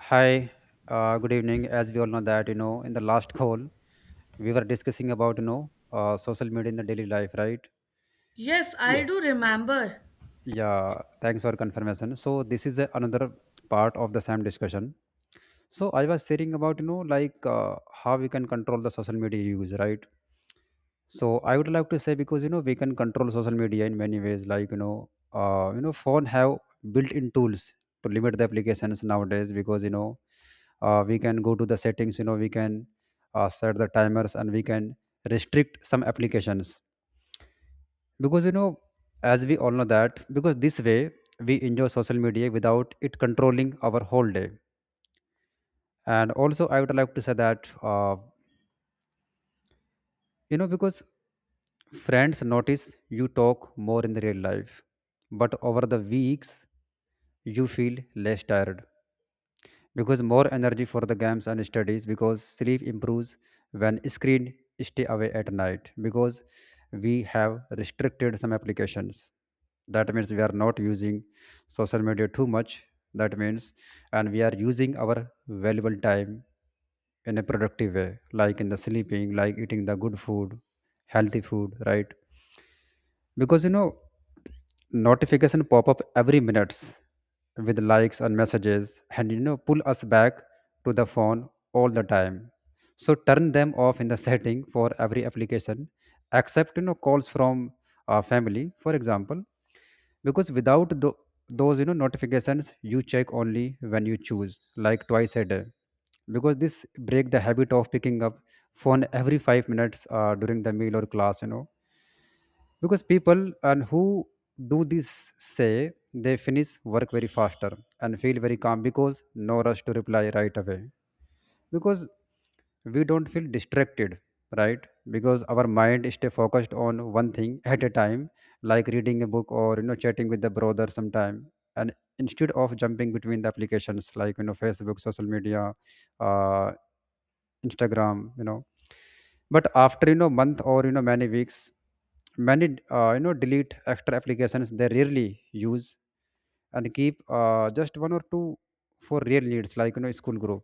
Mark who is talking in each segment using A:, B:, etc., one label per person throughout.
A: Hi, good evening. As we all know that, you know, in the last call, we were discussing about, you know, social media in the daily life, right?
B: Yes, I do
C: Yes,
B: remember.
A: Yeah,
C: yes,
A: thanks for confirmation. So this is another part of the same discussion. So I was sharing about, you know, like how we can control the social media use, right? So I would like to say because, you know, we can control social media in many ways, like, you know, phone have built-in tools to limit the applications nowadays because, you know, we can go to the settings, you know, we can set the timers, and we can restrict some applications because, you know, as we all know that, because this way we enjoy social media without it controlling our whole day. And also I would like to say that you know, because friends notice you talk more in the real life, but over the weeks you feel less tired because more energy for the games and studies, because sleep improves when screen stay away at night, because we have restricted some applications. That means we are not using social media too much. That means, and we are using our valuable time in a productive way, like in the sleeping, like eating the good food, healthy food, right? Because, you know, notification pop up every minutes with likes and messages, and you know, pull us back to the phone all the time. So turn them off in the setting for every application, except you know, calls from family, for example. Because without those, you know, notifications, you check only when you choose, like twice a day, because this break the habit of picking up phone every 5 minutes during the meal or class, you know. Because people and who do this say they finish work very faster and feel very calm because no rush to reply right away. Because we don't feel distracted, right? Because our mind stay focused on one thing at a time, like reading a book or you know, chatting with the brother sometime. And instead of jumping between the applications, like you know, Facebook, social media, uh, Instagram, you know. But after, you know, month or you know, many weeks, many you know, delete extra applications they rarely use, and keep just one or two for real needs, like you know, school group.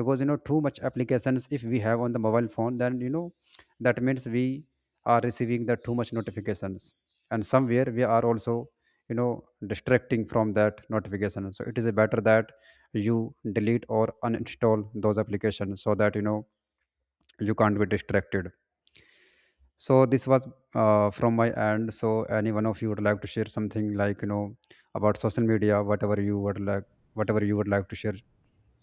A: Because you know, too much applications if we have on the mobile phone, then you know, that means we are receiving the too much notifications. And somewhere we are also, you know, distracting from that notification. So it is better that you delete or uninstall those applications, so that you know, you can't be distracted. So this was from my end. So any one of you would like to share something, like you know, about social media, whatever you would like whatever you would like to share.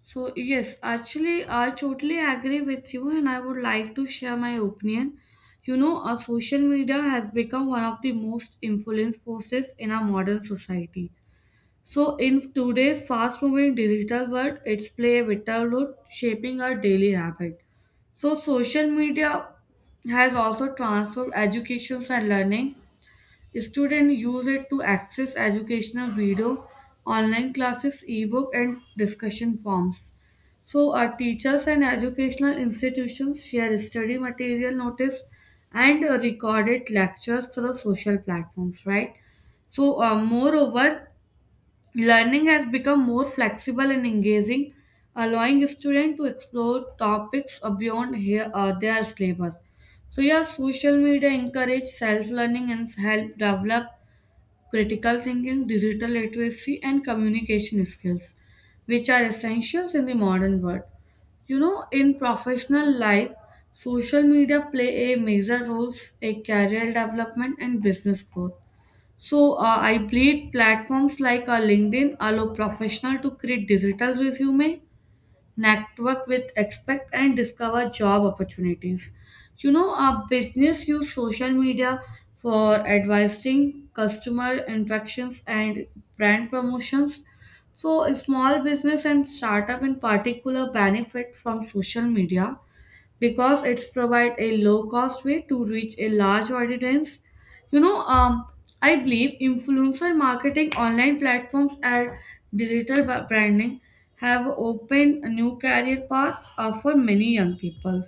B: So, yes, actually, I totally agree with you, and I would like to share my opinion. You know, our social media has become one of the most influence forces in our modern society. So, in today's fast moving digital world, it's play a vital role shaping our daily habit. So, social media has also transformed education and learning. Students use it to access educational video, online classes, ebook, and discussion forums. So, our teachers and educational institutions share study material, notice, and recorded lectures through social platforms, right? So, moreover, learning has become more flexible and engaging, allowing students to explore topics beyond here, their syllabus. So, yeah, social media encourage self learning and help develop critical thinking, digital literacy, and communication skills, which are essentials in the modern world. You know, in professional life, social media play a major role in career development and business growth. So, I believe platforms like LinkedIn allow professionals to create digital resume, network with expect and discover job opportunities. You know, a business use social media for advising customer interactions and brand promotions. So small business and startup in particular benefit from social media, because it's provide a low cost way to reach a large audience. You know, I believe influencer marketing, online platforms, and digital branding have opened a new career path for many young people.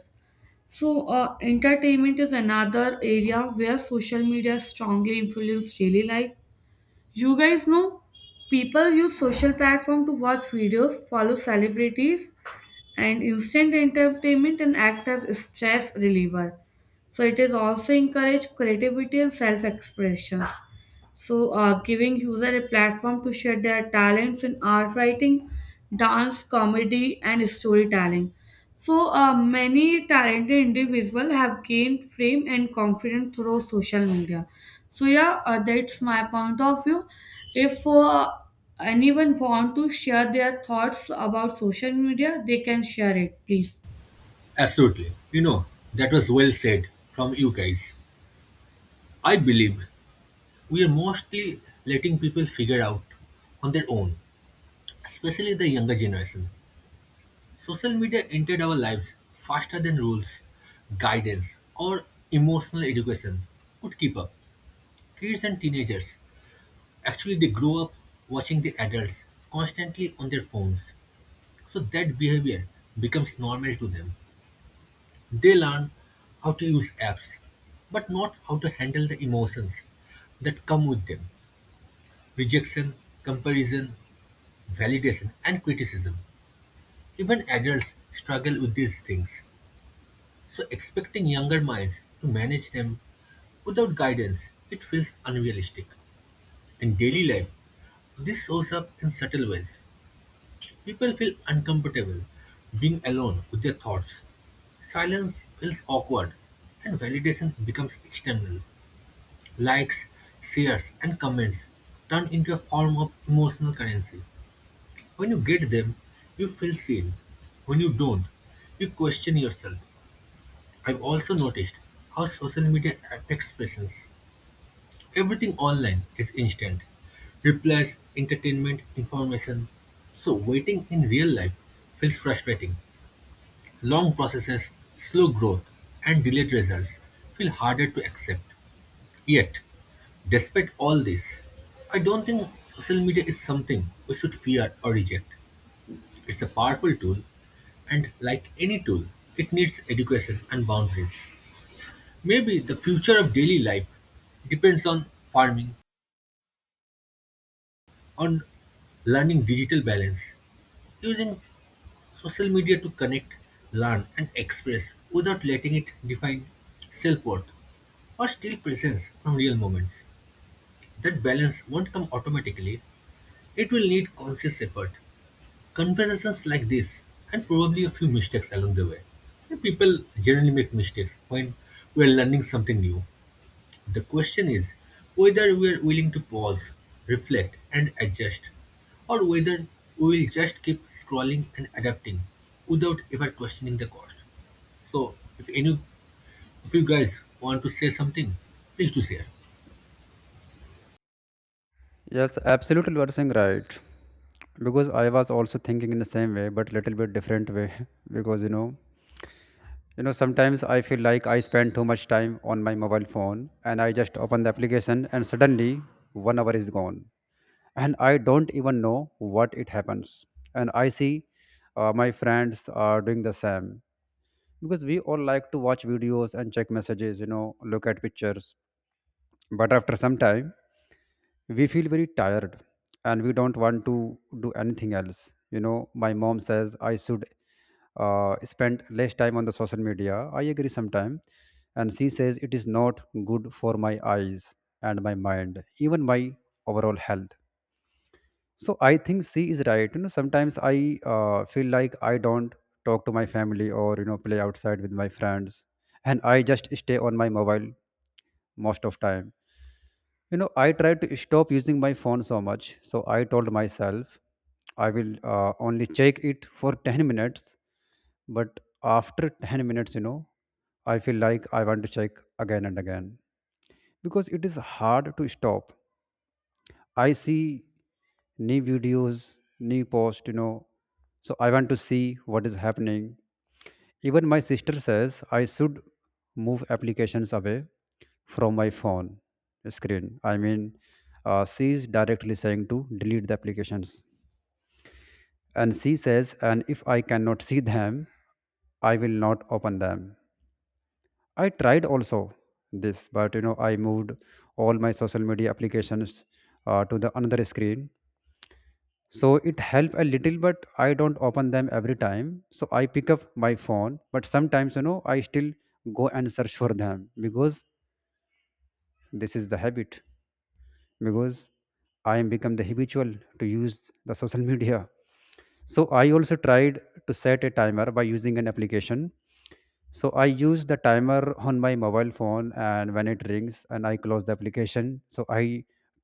B: So entertainment is another area where social media strongly influence daily life. You guys know people use social platform to watch videos, follow celebrities, and instant entertainment and act as stress reliever. So it is also encourage creativity and self-expression. So, giving user a platform to share their talents in art writing, dance, comedy, and storytelling. So, many talented individuals have gained fame and confidence through social media. So, yeah, that's my point of view. If anyone want to share their thoughts about social media, they can share it, please.
C: absolutely. You know, that was well said from you guys. I believe we are mostly letting people figure out on their own, especially the younger generation. Social media entered our lives faster than rules, guidance, or emotional education could keep up. Kids and teenagers actually they grow up watching the adults constantly on their phones, so that behavior becomes normal to them. They learn how to use apps, but not how to handle the emotions that come with them: rejection, comparison, validation, and criticism. Even adults struggle with these things, so expecting younger minds to manage them without guidance, it feels unrealistic. In daily life, this shows up in subtle ways. People feel uncomfortable being alone with their thoughts. Silence feels awkward and validation becomes external. Likes, shares, and comments turn into a form of emotional currency. When you get them, you feel seen. When you don't, you question yourself. I've also noticed how social media affects patience. Everything online is instant: replies, entertainment, information. So, waiting in real life feels frustrating. Long processes, slow growth, and delayed results feel harder to accept. Yet, despite all this, I don't think social media is something we should fear or reject. It's a powerful tool, and like any tool, it needs education and boundaries. Maybe the future of daily life depends on farming, on learning digital balance, using social media to connect, learn, and express without letting it define self worth or steal presence from real moments. That balance won't come automatically. It will need conscious effort, conversations like this, and probably a few mistakes along the way. And people generally make mistakes when we are learning something new. The question is whether we are willing to pause, reflect, and adjust, or whether we will just keep scrolling and adapting without ever questioning the cost. So, if you guys want to say something, please do share.
A: Yes, absolutely, you are saying right. Because I was also thinking in the same way, but little bit different way, because you know, sometimes I feel like I spend too much time on my mobile phone, and I just open the application and suddenly 1 hour is gone, and I don't even know what it happens. And I see my friends are doing the same, because we all like to watch videos and check messages, you know, look at pictures. But after some time, we feel very tired and we don't want to do anything else. You know, my mom says I should spend less time on the social media. I agree sometime. And she says it is not good for my eyes and my mind, even my overall health. So I think she is right. You know, sometimes I feel like I don't talk to my family or you know, play outside with my friends, and I just stay on my mobile most of time. You know, I try to stop using my phone so much. So I told myself I will only check it for 10 minutes. But after 10 minutes, you know, I feel like I want to check again and again, because it is hard to stop. I see new videos, new posts, you know. So I want to see what is happening. Even my sister says I should move applications away from my phone screen. I mean, she is directly saying to delete the applications. And she says, and if I cannot see them, I will not open them. I tried also this, but you know, I moved all my social media applications to the another screen. So it help a little, but I don't open them every time. So I pick up my phone, but sometimes you know, I still go and search for them, because this is the habit. Because I am become the habitual to use the social media. So I also tried to set a timer by using an application. So I use the timer on my mobile phone, and when it rings and I close the application. So I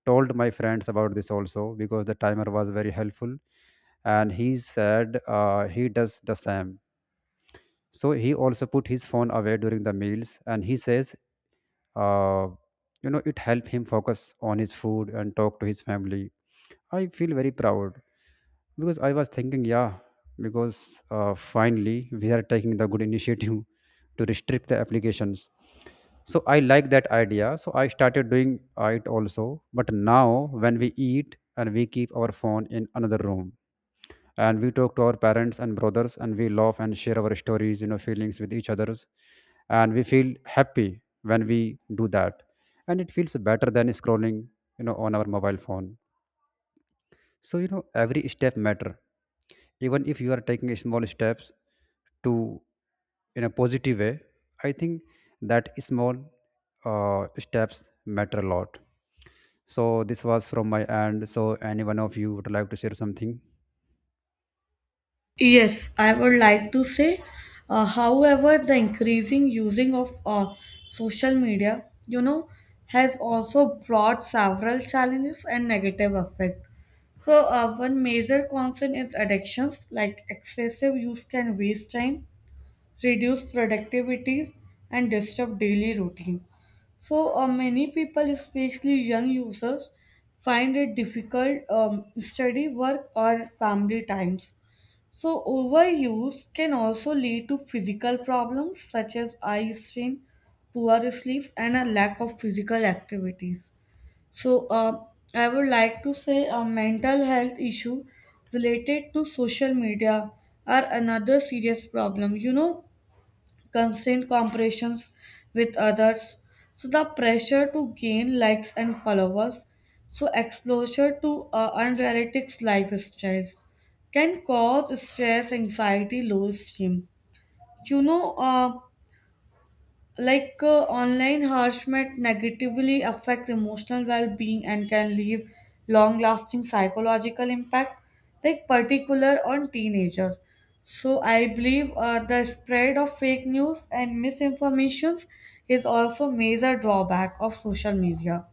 A: told my friends about this also, because the timer was very helpful. And he said he does the same. So he also put his phone away during the meals, and he says uh, you know, it helped him focus on his food and talk to his family. I feel very proud because I was thinking, yeah, because finally we are taking the good initiative to restrict the applications. So I like that idea, so I started doing it also. But now when we eat, and we keep our phone in another room, and we talk to our parents and brothers, and we laugh and share our stories, you know, feelings with each others, and we feel happy when we do that. And it feels better than scrolling, you know, on our mobile phone. So you know, every step matter, even if you are taking small steps to, in a positive way, I think that small steps matter a lot. So this was from my end. So any one of you would like to share something?
B: Yes, I would like to say, however, the increasing using of social media, you know, has also brought several challenges and negative effect. So, one major concern is addictions, like excessive use can waste time, reduce productivity, and disturb daily routine. So, many people, especially young users, find it difficult study, work, or family times. So, overuse can also lead to physical problems such as eye strain, poor sleep, and a lack of physical activities. So, I would like to say a mental health issue related to social media are another serious problem. You know, constant comparisons with others, so the pressure to gain likes and followers, so exposure to unrealistic lifestyles can cause stress, anxiety, low esteem. You know, like online harassment negatively affect emotional well-being and can leave long-lasting psychological impact, like particular on teenagers. So I believe the spread of fake news and misinformations is also major drawback of social media.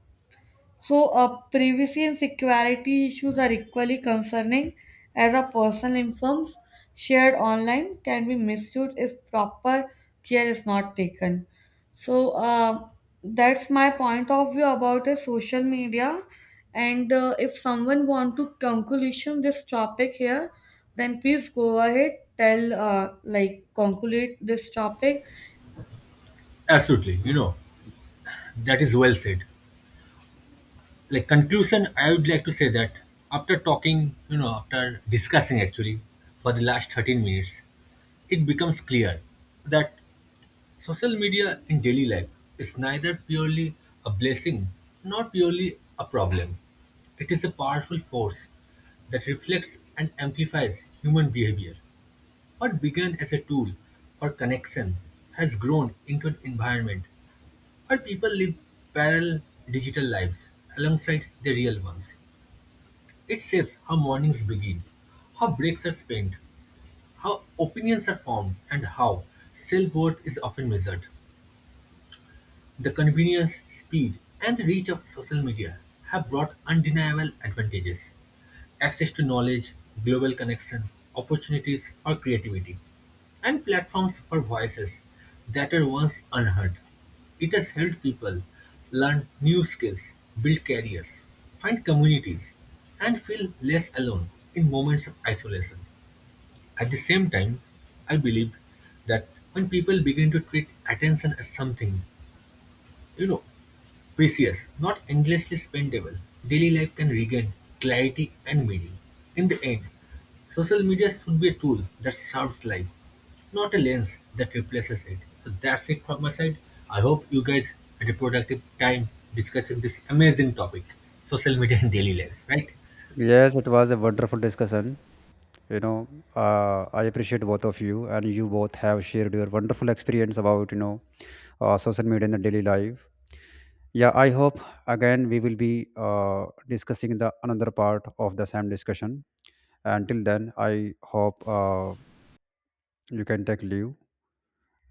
B: So, privacy and security issues are equally concerning, as our personal informs shared online can be misused if proper care is not taken. So, that's my point of view about the social media. And if someone want to conclusion this topic here, then please go ahead tell like conclude this topic.
C: Absolutely, you know, that is well said. Like conclusion, I would like to say that after talking, you know, after discussing, actually, for the last 13 minutes, it becomes clear that social media in daily life is neither purely a blessing nor purely a problem. It is a powerful force that reflects and amplifies human behavior. What began as a tool for connection has grown into an environment where people live parallel digital lives alongside their real ones. It shapes how mornings begin, how breaks are spent, how opinions are formed, and how self worth is often measured. The convenience, speed, and the reach of social media have brought undeniable advantages: access to knowledge, global connection, opportunities for creativity, and platforms for voices that were once unheard. It has helped people learn new skills, build careers, find communities, and feel less alone in moments of isolation. At the same time, I believe that when people begin to treat attention as something, you know, precious, not endlessly spendable, daily life can regain clarity and meaning. In the end, social media should be a tool that serves life, not a lens that replaces it. So that's it from my side. I hope you guys had a productive time discussing this amazing topic, social media and daily lives, right?
A: Yes, it was a wonderful discussion, you know. I appreciate both of you, and you both have shared your wonderful experience about you know, social media in the daily life. Yeah, I hope again we will be discussing the another part of the same discussion. Until then, I hope you can take leave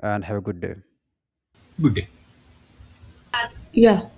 A: and have a good day.
C: Good day.
B: Yeah.